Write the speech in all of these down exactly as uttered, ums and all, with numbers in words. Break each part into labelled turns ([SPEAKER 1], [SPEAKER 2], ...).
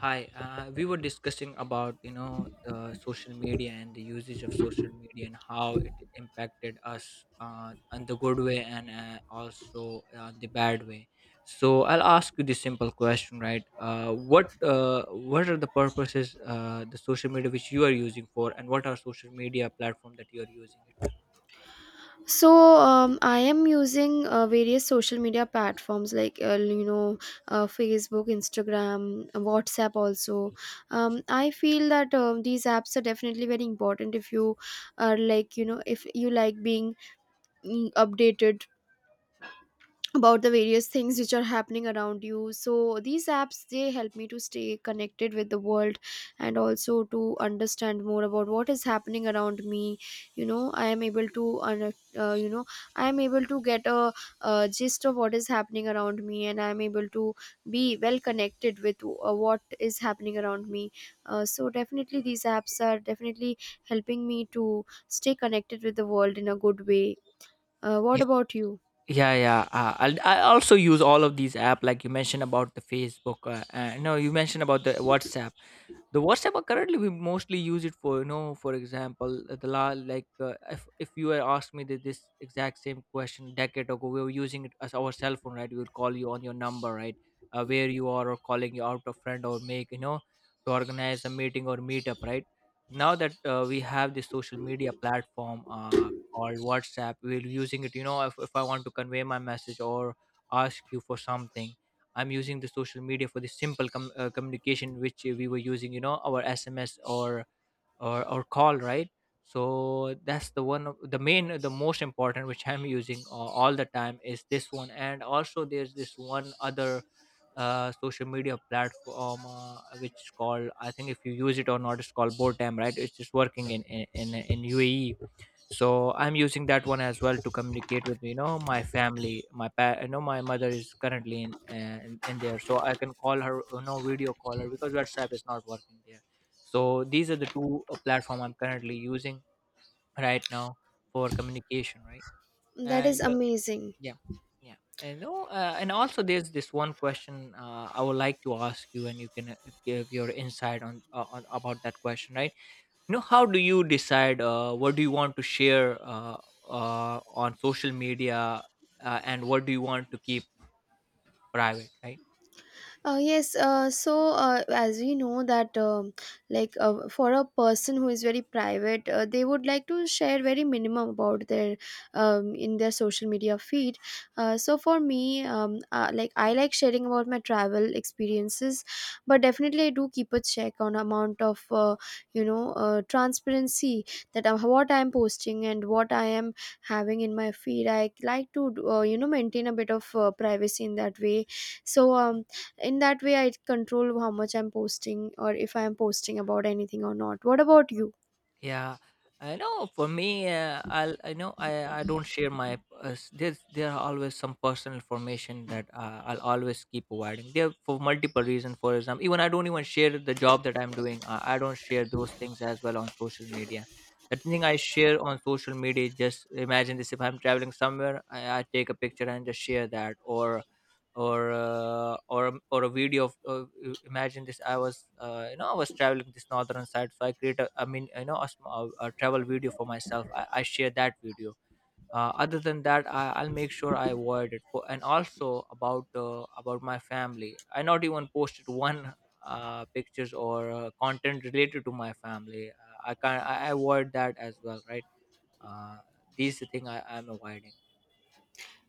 [SPEAKER 1] Hi, uh, we were discussing about you know the social media and the usage of social media and how it impacted us uh, in the good way and uh, also uh, the bad way. So I'll ask you this simple question, right? Uh, what uh, what are the purposes uh, the social media which you are using for, and what are social media platform that you are using it?
[SPEAKER 2] so um, I am using uh, various social media platforms like uh, you know uh, Facebook, Instagram, WhatsApp also. um, I feel that um, these apps are definitely very important if you are like you know if you like being mm, updated about the various things which are happening around you. So these apps, they help me to stay connected with the world and also to understand more about what is happening around me. You know, I am able to un- uh, you know I am able to get a, uh gist of what is happening around me, and I am able to be well connected with uh, what is happening around me. Uh, so definitely these apps are definitely helping me to stay connected with the world in a good way. Uh, what
[SPEAKER 1] Yeah.
[SPEAKER 2] about you?
[SPEAKER 1] Yeah, yeah. Uh, I'll, i also use all of these app like you mentioned about the Facebook, uh, uh, no, you mentioned about the whatsapp the WhatsApp. Uh, currently we mostly use it for, you know for example, uh, the la like uh, if if you had asked me that this exact same question decade ago, we were using it as our cell phone, right? We would call you on your number, right? Uh, where you are, or calling you out a friend, or make, you know, to organize a meeting or meetup, right? Now that uh, we have this social media platform uh, called WhatsApp, we're using it, you know if, if I want to convey my message or ask you for something, I'm using the social media for the simple com- uh, communication which we were using, you know, our SMS or or or call, right? So that's the one of the main, the most important, which I'm using uh, all the time is this one. And also there's this one other uh, social media platform uh, which is called, I think if you use it or not, it's called Botam, right? It's just working in in, in in UAE. So I'm using that one as well to communicate with, you know, my family, my pa- you know, my mother is currently in, uh, in in there, so I can call her, you know, video call her, because WhatsApp is not working there. So these are the two uh, platform I'm currently using right now for communication, right?
[SPEAKER 2] That is
[SPEAKER 1] And uh,
[SPEAKER 2] amazing.
[SPEAKER 1] yeah. Yeah, and oh, uh, and also there's this one question uh, I would like to ask you, and you can uh, give your insight on, uh, on about that question, right? You know, how do you decide uh, what do you want to share, uh, uh, on social media, uh, and what do you want to keep private, right?
[SPEAKER 2] Uh, yes, uh, so uh, as we know that, um, like, uh, for a person who is very private, uh, they would like to share very minimum about their, um, in their social media feed. Uh, so for me, um, uh, like, I like sharing about my travel experiences, but definitely I do keep a check on amount of uh, you know uh, transparency that uh, what I am posting and what I am having in my feed. I like to uh, you know maintain a bit of uh, privacy in that way. So um in that way I control how much I'm posting, or if I'm posting about anything or not. What about you?
[SPEAKER 1] Yeah, I know. For me, uh, I'll I know, I I don't share my, uh, s- there's, there are always some personal information that uh, I'll always keep providing there for multiple reasons. For example, even I don't even share the job that I'm doing. Uh, I don't share those things as well on social media. The thing I share on social media, just imagine this: if I'm traveling somewhere, I, I take a picture and just share that, or or uh, or a- or a video of, uh, i- imagine this, I was, uh, you know, I was traveling this northern side, so I create a, I mean, you know, a, sm- a, a travel video for myself. i, I share that video. Uh, other than that, I, i'll make sure I avoid it for, and also about, uh, about my family, I not even posted one uh, pictures or uh, content related to my family. Uh, I can not I I avoid that as well, right? Uh, these the thing i i'm avoiding.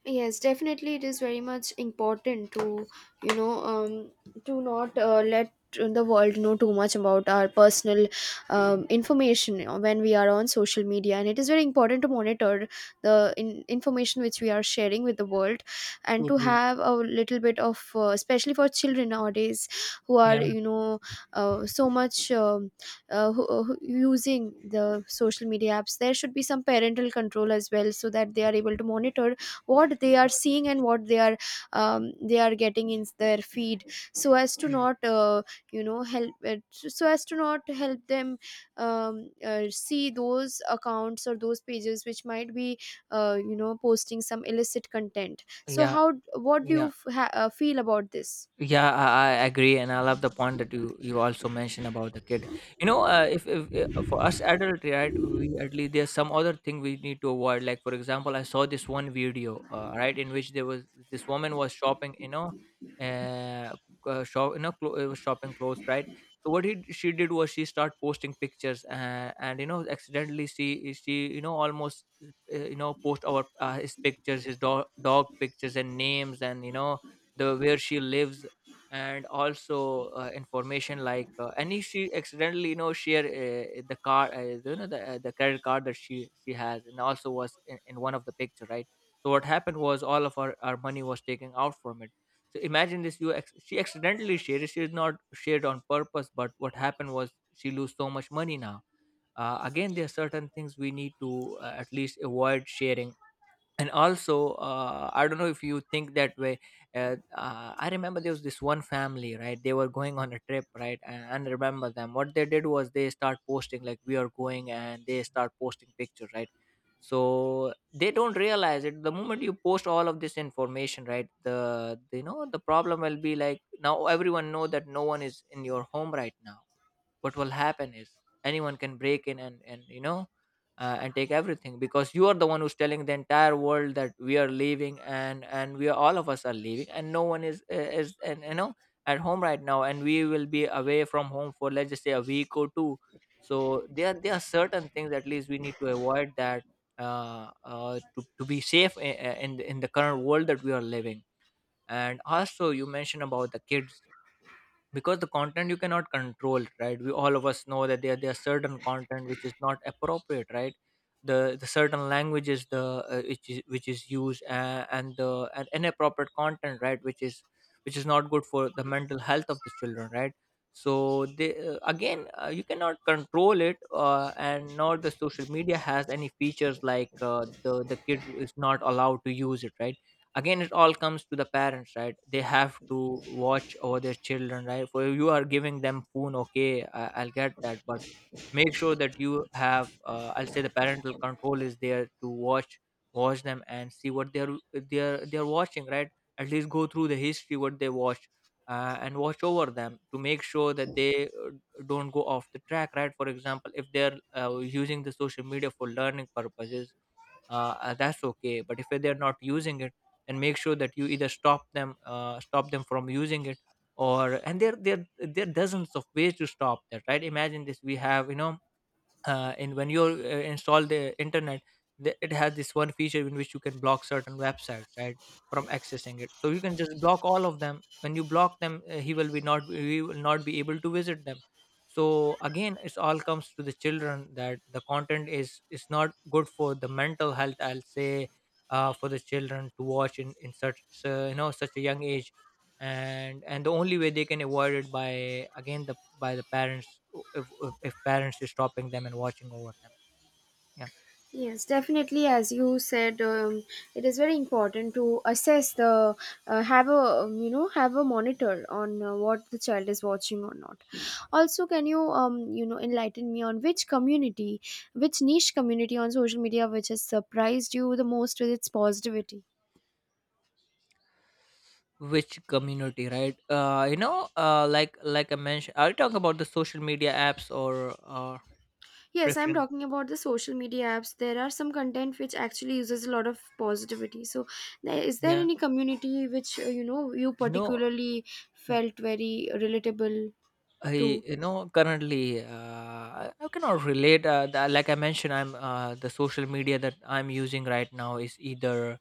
[SPEAKER 2] Yes, definitely it is very much important to, you know, um, to not uh, let the world know too much about our personal, um,
[SPEAKER 1] You know.
[SPEAKER 2] information when we are on social media, and it is very important to monitor the in- information which we are sharing with the world, and to
[SPEAKER 1] Totally.
[SPEAKER 2] have a little bit of, uh, especially for children nowadays who are,
[SPEAKER 1] Yeah.
[SPEAKER 2] you know, uh, so much um, uh, who, uh, who using the social media apps, there should be some parental control as well so that they are able to monitor what they are
[SPEAKER 1] Yeah.
[SPEAKER 2] seeing and what they are, um, they are getting in their feed, so as to not uh, you know help it, so as to not help them um, uh, see those accounts or those pages which might be uh, you know posting some illicit content. So
[SPEAKER 1] yeah
[SPEAKER 2] how, what do you
[SPEAKER 1] yeah
[SPEAKER 2] f- ha- uh, feel about this?
[SPEAKER 1] Yeah, I, I agree, and I love the point that you you also mentioned about the kid. You know, uh, if, if uh, for us adult, right, we at least there's some other thing we need to avoid. Like for example, I saw this one video, uh, right, in which there was this woman was shopping, you know, uh, uh shop, you know, clo- uh, was shopping clothes, right. So what he, she did was she started posting pictures, uh, and you know, accidentally she she you know, almost uh, you know, post our, uh, his pictures, his dog dog pictures and names, and you know, the where she lives, and also uh, information like, uh, and if she accidentally, you know, share, uh, the card uh, you know, the, uh, the credit card that she she has, and also was in, in one of the picture, right? So what happened was all of our, our money was taken out from it. So imagine this, you ex- she accidentally shared it. She did not share it on purpose, but what happened was she lose so much money now. Uh, again, there are certain things we need to uh, at least avoid sharing. And also, uh, I don't know if you think that way. uh, uh, I remember there was this one family, right? They were going on a trip, right? And, and remember them, what they did was they start posting like we are going, and they start posting pictures, right? So they don't realize it, the moment you post all of this information, right, the, the, you know, the problem will be like now everyone know that no one is in your home right now. What will happen is anyone can break in, and and you know, uh, and take everything, because you are the one who's telling the entire world that we are leaving, and and we are, all of us are leaving, and no one is, uh, is and you know, at home right now, and we will be away from home for let's just say a week or two. So there there are certain things at least we need to avoid that, uh, uh, to, to be safe in, in the- in the current world that we are living. And also you mentioned about the kids, because the content you cannot control, right? We, all of us know that there, there are certain content which is not appropriate, right? The the certain languages, the, uh, which is which is used, uh, and the, and inappropriate content, right, which is, which is not good for the mental health of the children, right? So they, uh, again uh, you cannot control it, uh, and nor the social media has any features like, uh, the the kid is not allowed to use it, right? Again, it all comes to the parents, right? They have to watch over their children, right? For you are giving them phone, okay, I, I'll get that, but make sure that you have, uh, I'll say the parental control is there to watch, watch them and see what they're they're they're watching, right? At least go through the history what they watch, uh, and watch over them to make sure that they uh, don't go off the track, right? For example, if they're uh, using the social media for learning purposes, uh, uh, that's okay. But if they're not using it, then make sure that you either stop them, uh, stop them from using it. Or, and there there there are dozens of ways to stop that, right? Imagine this, we have, you know, uh, and when you uh, install the internet, the, it has this one feature in which you can block certain websites, right, from accessing it. So you can just block all of them. When you block them, uh, he will be not we will not be able to visit them. So again, it's all comes to the children that the content is is not good for the mental health, I'll say, uh, for the children to watch in in such uh, you know, such a young age. and and the only way they can avoid it by again, the, by the parents, if, if if parents is stopping them and watching over them. Yeah.
[SPEAKER 2] Yes, definitely. As you said, um, it is very important to assess the, uh, have a, um, you know, have a monitor on uh, what the child is watching or not. Also, can you, um you know, enlighten me on which community, which niche community on social media which has surprised you the most with its positivity?
[SPEAKER 1] Which community, right? uh you know uh like like I mentioned, are you talking about the social media apps or uh?
[SPEAKER 2] Yes, I'm
[SPEAKER 1] Preference.
[SPEAKER 2] talking about the social media apps. There are some content which actually uses a lot of positivity. So, there- is there
[SPEAKER 1] Yeah.
[SPEAKER 2] any community which, uh, you know, you
[SPEAKER 1] You know.
[SPEAKER 2] particularly
[SPEAKER 1] y-
[SPEAKER 2] felt very relatable?
[SPEAKER 1] I,
[SPEAKER 2] True.
[SPEAKER 1] you know, currently, uh i, I cannot relate, uh, the, like I mentioned, I'm, uh, the social media that I'm using right now is either,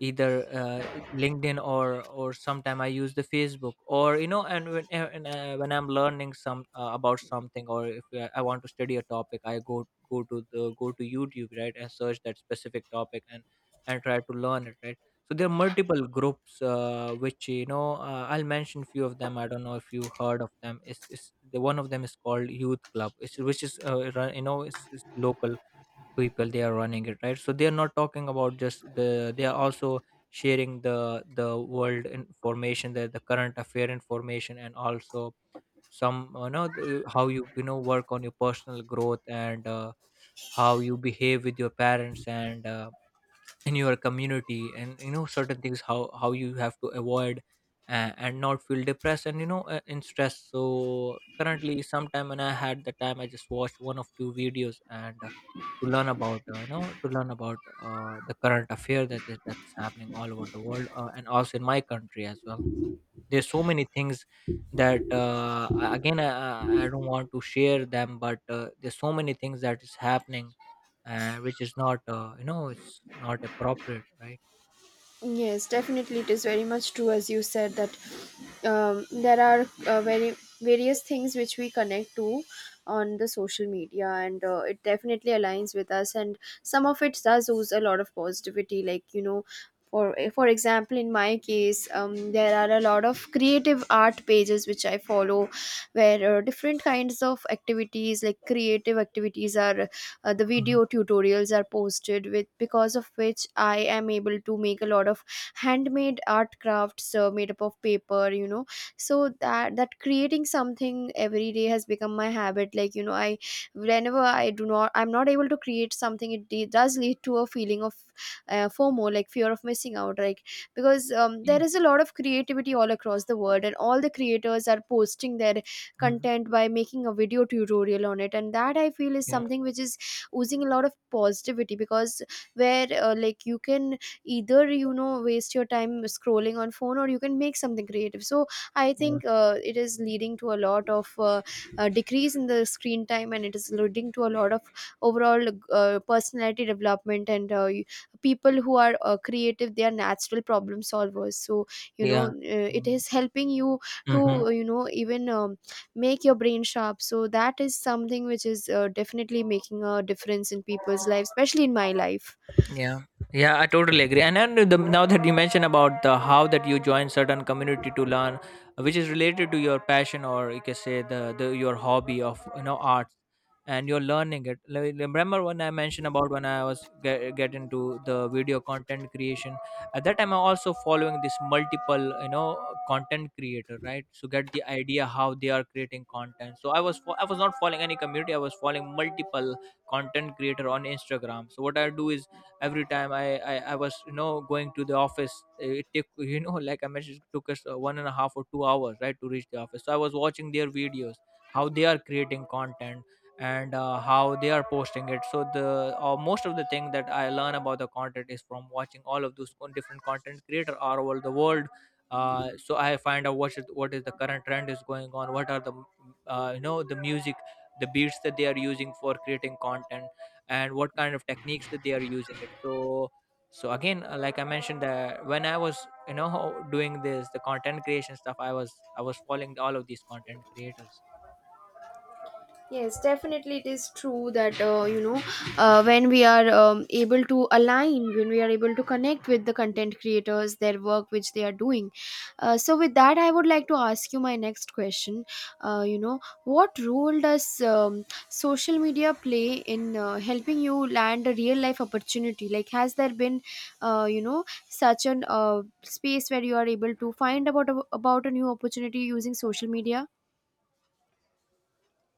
[SPEAKER 1] either, uh, LinkedIn, or or sometime I use the Facebook, or you know. And when, uh, and, uh, when I'm learning some, uh, about something, or if uh, I want to study a topic, I go, go to the go to YouTube, right, and search that specific topic, and and try to learn it, right? So there are multiple groups, uh, which, you know, uh, I'll mention few of them, I don't know if you heard of them. It's, it's, the one of them is called Youth Club. It's, which is, uh, run- you know, it's, it's local people they are running it, right? So they are not talking about just the, they are also sharing the the world information, the, the current affair information, and also some, you know, the, how you, you know, work on your personal growth, and uh, how you behave with your parents, and uh, in your community, and you know certain things how how you have to avoid and, and not feel depressed and you know uh, in stress. So currently, sometime when I had the time, I just watched one of two videos and uh, to learn about uh, you know to learn about uh, the current affair that is that's happening all over the world, uh, and also in my country as well. There's so many things that uh, a- again I, I I don't want to share them, but uh, there's so many things that is happening, uh, which is not uh, you know it's not appropriate, right?
[SPEAKER 2] Yes, definitely, it is very much true as you said that, um, there are uh, very various things which we connect to on the social media, and uh, it definitely aligns with us. And some of it does use a lot of positivity, like, you know. For, eh, for example, in my case, um, there are a lot of creative art pages which I follow, where uh, different kinds of activities, like creative activities, are, uh, the
[SPEAKER 1] Mhm.
[SPEAKER 2] video tutorials are posted, with because of which I am able to make a lot of handmade art crafts uh, made up of paper, you know. So that, that creating something every day has become my habit, like, you know, I whenever I do not, I'm not able to create something, it de- does lead to a feeling of, uh, F O M O, like fear of missing out, like, because um,
[SPEAKER 1] Yeah.
[SPEAKER 2] there is a lot of creativity all across the world and all the creators are posting their
[SPEAKER 1] Mhm.
[SPEAKER 2] content by making a video tutorial on it, and that I feel is
[SPEAKER 1] Yeah,
[SPEAKER 2] something which is oozing a lot of positivity. Because, where, uh, like, you can either, you know, waste your time scrolling on phone, or you can make something creative. So I
[SPEAKER 1] yeah,
[SPEAKER 2] think uh, it is leading to a lot of uh, uh, decrease in the screen time, and it is leading to a lot of overall uh, personality development, and uh, y- people who are uh, creative, they are natural problem solvers. So you know,
[SPEAKER 1] yeah.
[SPEAKER 2] uh, it
[SPEAKER 1] Mm.
[SPEAKER 2] is helping you to
[SPEAKER 1] Mhm.
[SPEAKER 2] uh, you know, even um, make your brain sharp. So that is something which is uh, definitely making a difference in people's lives, especially in my life.
[SPEAKER 1] Yeah, yeah, I totally agree. And then the, now that you mentioned about the how that you join certain community to learn, which is related to your passion, or you can say the, the your hobby of you know art, and you're learning it. Like, like, remember when I mentioned about when I was get, get into the video content creation? At that time, I'm also following this multiple, you know, content creator, right? So get the idea how they are creating content. So I was fo- I was not following any community, I was following multiple content creator on Instagram. So what I do is every time I, I i was, you know, going to the office. Eh, it took you know, like I mentioned, it took us uh, one and a half or two hours, right, to reach the office. So I was watching their videos, how they are creating content, and uh, how they are posting it. So the uh, most of the thing that I learn about the content is from watching all of those con- different content creator all over the world. Uh, so I find out what is what is the current trend is going on, what are the, uh, you know the music, the beats that they are using for creating content, and what kind of techniques that they are using it. So, so again, uh, like I mentioned, that when I was, you know, doing this the content creation stuff, i was I was following all of these content creators.
[SPEAKER 2] Yes, definitely, it is true that uh, you know uh, when we are um, able to align, when we are able to connect with the content creators, their work which they are doing. Uh, so, with that, I would like to ask you my next question. Uh, you know, what role does um, social media play in uh, helping you land a real life opportunity? Like, has there been, uh, you know, such an uh, space where you are able to find about a, about a new opportunity using social media?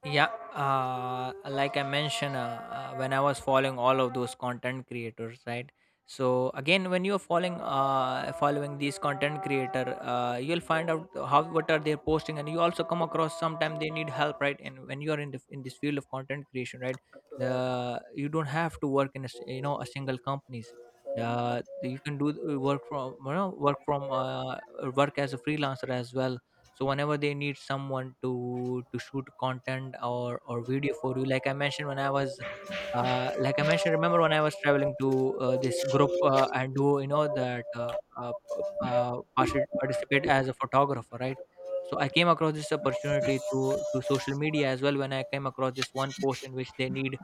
[SPEAKER 1] Yeah. uh, like I mentioned, uh, uh, when I was following all of those content creators, right? So again, when you're following, uh, following these content creator, uh, you'll find out how what are they posting, and you also come across sometimes they need help, right? And when you're in the, in this field of content creation, right, uh, you don't have to work in a, s- you know a single companies. uh, you can do work from, you know, work from, uh, work as a freelancer as well. So whenever they need someone to to shoot content or or video for you, like I mentioned when I was, uh, like I mentioned, remember when I was traveling to uh, this group, uh, and do you know that uh, uh, p- uh, particip- participate as a photographer, right? So I came across this opportunity through to social media as well, when I came across this one post in which they need,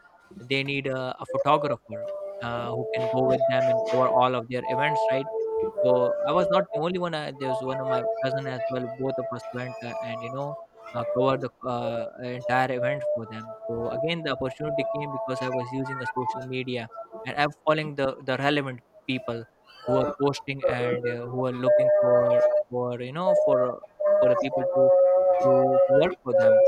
[SPEAKER 1] they need a, a photographer, uh, who can go with them and cover all of their events, right? So I was not the only one. I, there was one of my cousin as well. Both of us went, uh, and, you know, uh, covered the uh, entire event for them. So again, the opportunity came because I was using a social media, and I'm following the the relevant people who are posting and uh, who are looking for, for you know for uh, for the people to to work for them.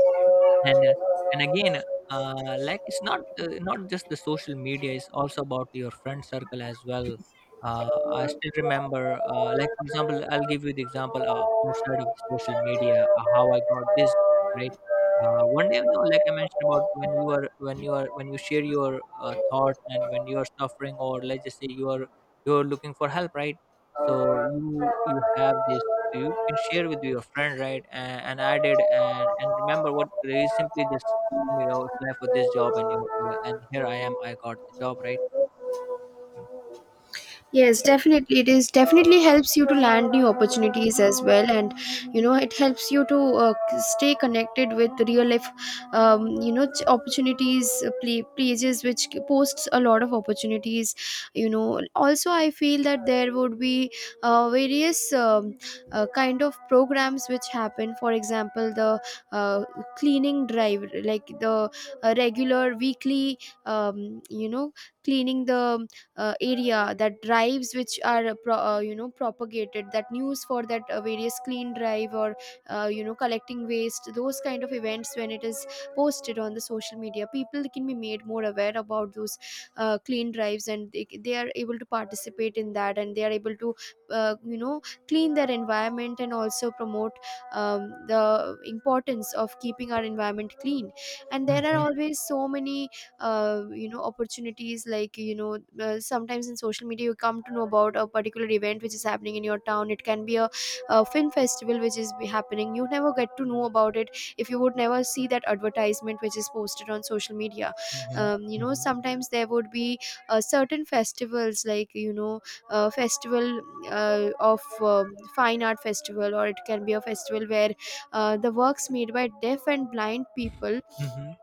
[SPEAKER 1] And uh, and again, uh, like, it's not uh, not just the social media, it's also about your friend circle as well. uh, I still remember, uh, like, for example, I'll give you the example, uh, outside of the social media, uh, how I got this, right? uh, one day, you know, like I mentioned about when you are, when you are when you share
[SPEAKER 2] Thank
[SPEAKER 1] your uh, thought, and when
[SPEAKER 2] you.
[SPEAKER 1] you are suffering, or let's just say you are, you are looking for help, right? So you you have this, you can share with your friend, right? And, and I did, and, and remember what they simply just told me? Oh, apply for this job, and you you- and here I am, I got
[SPEAKER 2] Thank
[SPEAKER 1] the
[SPEAKER 2] you.
[SPEAKER 1] job, right? Yeah.
[SPEAKER 2] Yes, definitely. It is definitely helps you to land new opportunities as well, and you know, it helps you to uh, c- stay connected with real life, um, you know, ch- opportunities, uh, pla- pages which c- posts a lot of opportunities. You know, also I feel that there would be uh, various um, uh, kind of programs which happen. For example, the uh, cleaning drive, like the uh, regular weekly, um, you know, cleaning the uh, area, that drives which are uh, pro- uh, you know, propagated that news for that uh, various clean drive, or uh, you know, collecting waste, those kind of events, when it is posted on the social media, people can be made more aware about those uh, clean drives, and they, they are able to participate in that, and they are able to uh, you know, clean their environment, and also promote um, the importance of keeping our environment clean. And there are
[SPEAKER 1] Hmm.
[SPEAKER 2] always so many uh, you know, opportunities, like, you know, uh, sometimes in social media you come to know about a particular event which is happening in your town. It can be a, a film festival which is be happening, you never get to know about it if you would never see that advertisement which is posted on social media.
[SPEAKER 1] Hmm.
[SPEAKER 2] Um, you know,
[SPEAKER 1] Hmm.
[SPEAKER 2] sometimes there would be uh, certain festivals, like, you know, uh, festival uh, of um fine art festival, or it can be a festival where uh, the works made by deaf and blind people,
[SPEAKER 1] Hmm.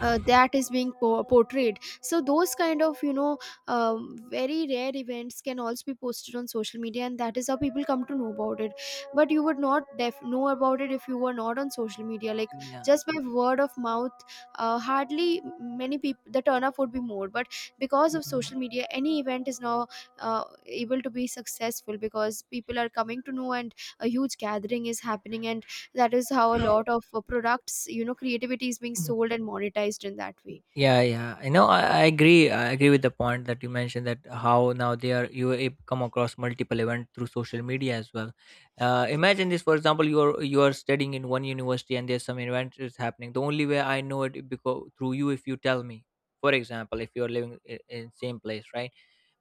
[SPEAKER 2] uh, that is being po- portrayed. So those kind of, you know, um, very rare events can also be posted on social media, and that is how people come to know about it. But you would not def- know about it if you were not on social media, like,
[SPEAKER 1] Yeah.
[SPEAKER 2] just by word of mouth, uh, hardly many people, the turnout would be more. But because of social media, any event is now uh, able to be successful because people are coming to know, and a huge gathering is happening, and that is how a lot of uh, products, you know, creativity is being
[SPEAKER 1] Yeah,
[SPEAKER 2] sold and monetized in that way.
[SPEAKER 1] yeah, yeah, I know, I, I agree, I agree with the point that you mentioned, that how now they are you a- come across multiple event through social media as well. Uh, imagine this, for example, you are, you are studying in one university, and there's some event is happening. The only way I know it because through you, if you tell me, for example, if you are living i- in same place, right?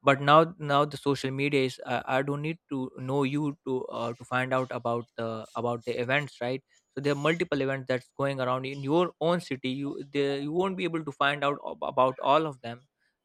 [SPEAKER 1] But now, now the social media is, uh, I don't need to know you to, uh, to find out about the, about the events, right? So there are multiple events that's going around in your own city, you the you won't be able to find out ab- about all of them.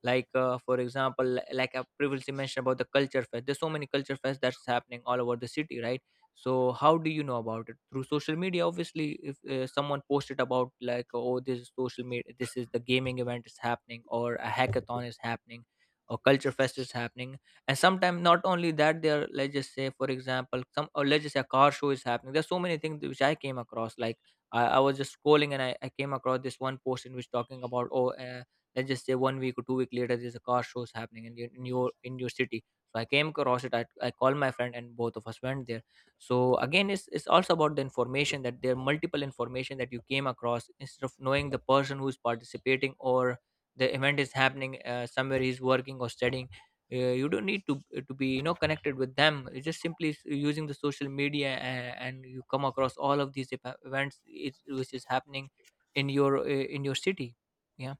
[SPEAKER 1] Like, uh, for example, li- like I previously mentioned about the culture fest, there's so many culture fest that's happening all over the city, right? So how do you know about it? Through social media, obviously. If uh, someone posted about, like, oh, this is social media, this is the gaming event is happening, or a hackathon is happening, or culture fest is happening. And sometimes not only that, there are, let's just say, for example, some, or let's just say, a car show is happening. There's so many things which I came across, like, i, I was just scrolling, and I, I came across this one post in which talking about, oh, uh, let's just say, one week or two week later, there's a car show is happening in your, in your, in your city. So I came across it, I, I called my friend and both of us went there. So again, it's, it's also about the information, that there are multiple information that you came across, instead of knowing the person who's participating, or the event is happening, uh, somewhere he's working or studying. uh, you don't need to to be, you know, connected with them. It's just simply s- using the social media, and, and you come across all of these ev- events is, which is happening in your, uh, in your city. Yeah.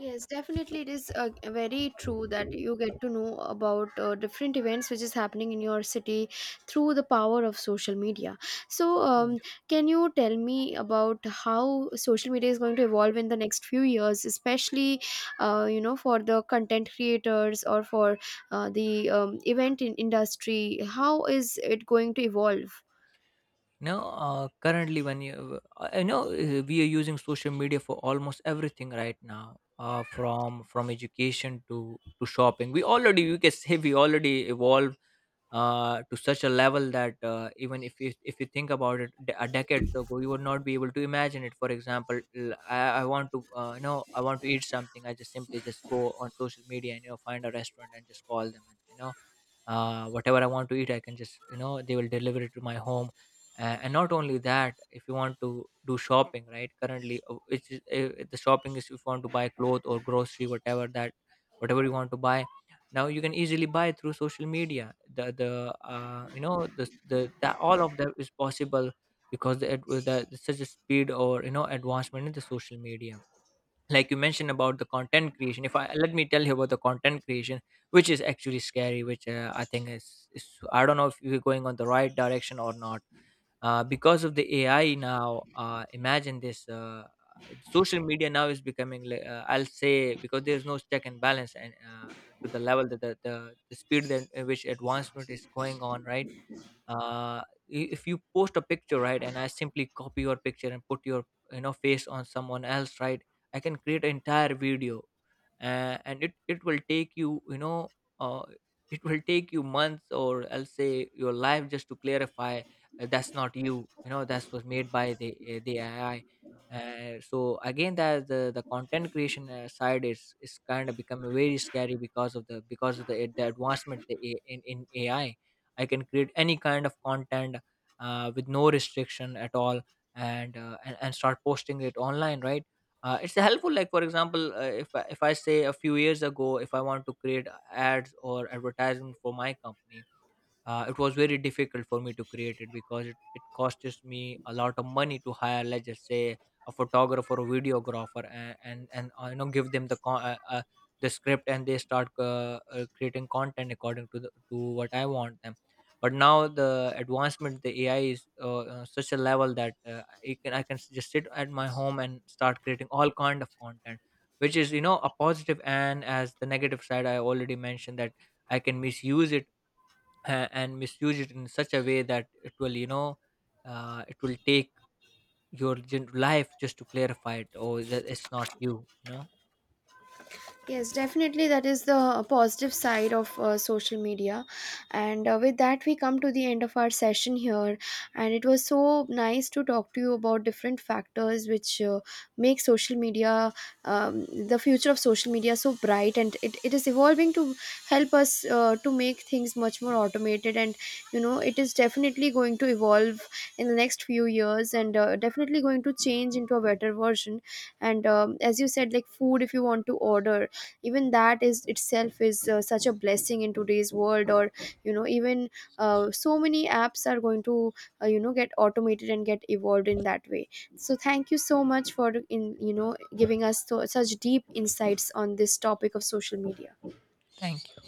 [SPEAKER 2] Yes, definitely. It is uh, very true that you get to know about uh, different events which is happening in your city through the power of social media. So, um, can you tell me about how social media is going to evolve in the next few years, especially, uh, you know, for the content creators, or for uh, the um, event in industry? How is it going to evolve?
[SPEAKER 1] No, uh, currently when you, uh, I know uh, we are using social media for almost everything right now, uh, from from education to to shopping. We already, you can say, we already evolved uh, to such a level that, uh, even if you, if you think about it, d- a decade ago you would not be able to imagine it. For example, l- i, I want to, uh, you know I want to eat something, I just simply just go on social media and, you know, find a restaurant and just call them, and, you know, uh, whatever I want to eat, I can just, you know, they will deliver it to my home. Uh, and not only that, if you want to do shopping, right? Currently, uh, it's just- uh, the shopping is, if you want to buy clothes or grocery, whatever that, whatever you want to buy, now you can easily buy through social media. The the uh, you know the the that all of that is possible because the, ad- the the- such a speed, or, you know, advancement in the social media. Like you mentioned about the content creation, if I, let me tell you about the content creation, which is actually scary, which, uh, I think is, is I don't know if we're going on the right direction or not, uh, because of the AI. Now, uh, imagine this, uh, social media now is becoming like, uh, I'll say, because there's no check and balance, and uh, to the level that the, the, the speed that, at which advancement is going on, right? uh, i- if you post a picture, right, and I simply copy your picture and put your, you know, face on someone else, right, I can create an entire video, uh, and it it will take you, you know, uh, it will take you months, or I'll say your life, just to clarify uh, that's not you, you know, that's was made by the, uh, the AI. Uh, so again, that the the content creation uh, side is is kind of become very scary because of the, because of the, the advancement the, A- in in AI. I can create any kind of content uh, with no restriction at all, and, uh, and and start posting it online, right? Uh, it's helpful, like, for example, uh, if I, if I say, a few years ago, if I want to create ads or advertisement for my company, uh, it was very difficult for me to create it, because it, it costs me a lot of money to hire, let's just say, a photographer or videographer, and and, and uh, you know, give them the con- uh, uh, the script, and they start uh, uh, creating content according to the, to what I want them. But now the advancement, the AI, is, uh, uh, such a level that, uh, I can, I can s- just sit at my home and start creating all kind of content, which is, you know, a positive, positive. And as the negative side, I already mentioned that I can misuse it uh, and misuse it in such a way that it will, you know, uh, it will take your gen- life just to clarify it, or that it's not you, you know.
[SPEAKER 2] Yes, definitely. That is the uh, positive side of uh, social media. And uh, with that, we come to the end of our session here. And it was so nice to talk to you about different factors which uh, make social media, um, the future of social media, so bright. And it, it is evolving to help us uh, to make things much more automated. And, you know, it is definitely going to evolve in the next few years, and uh, definitely going to change into a better version. And um, as you said, like food, if you want to order, even that is itself is uh, such a blessing in today's world. Or you know, even uh, so many apps are going to uh, you know, get automated and get evolved in that way. So thank you so much for in, you know, giving us so, such deep insights on this topic of social media.
[SPEAKER 1] Thank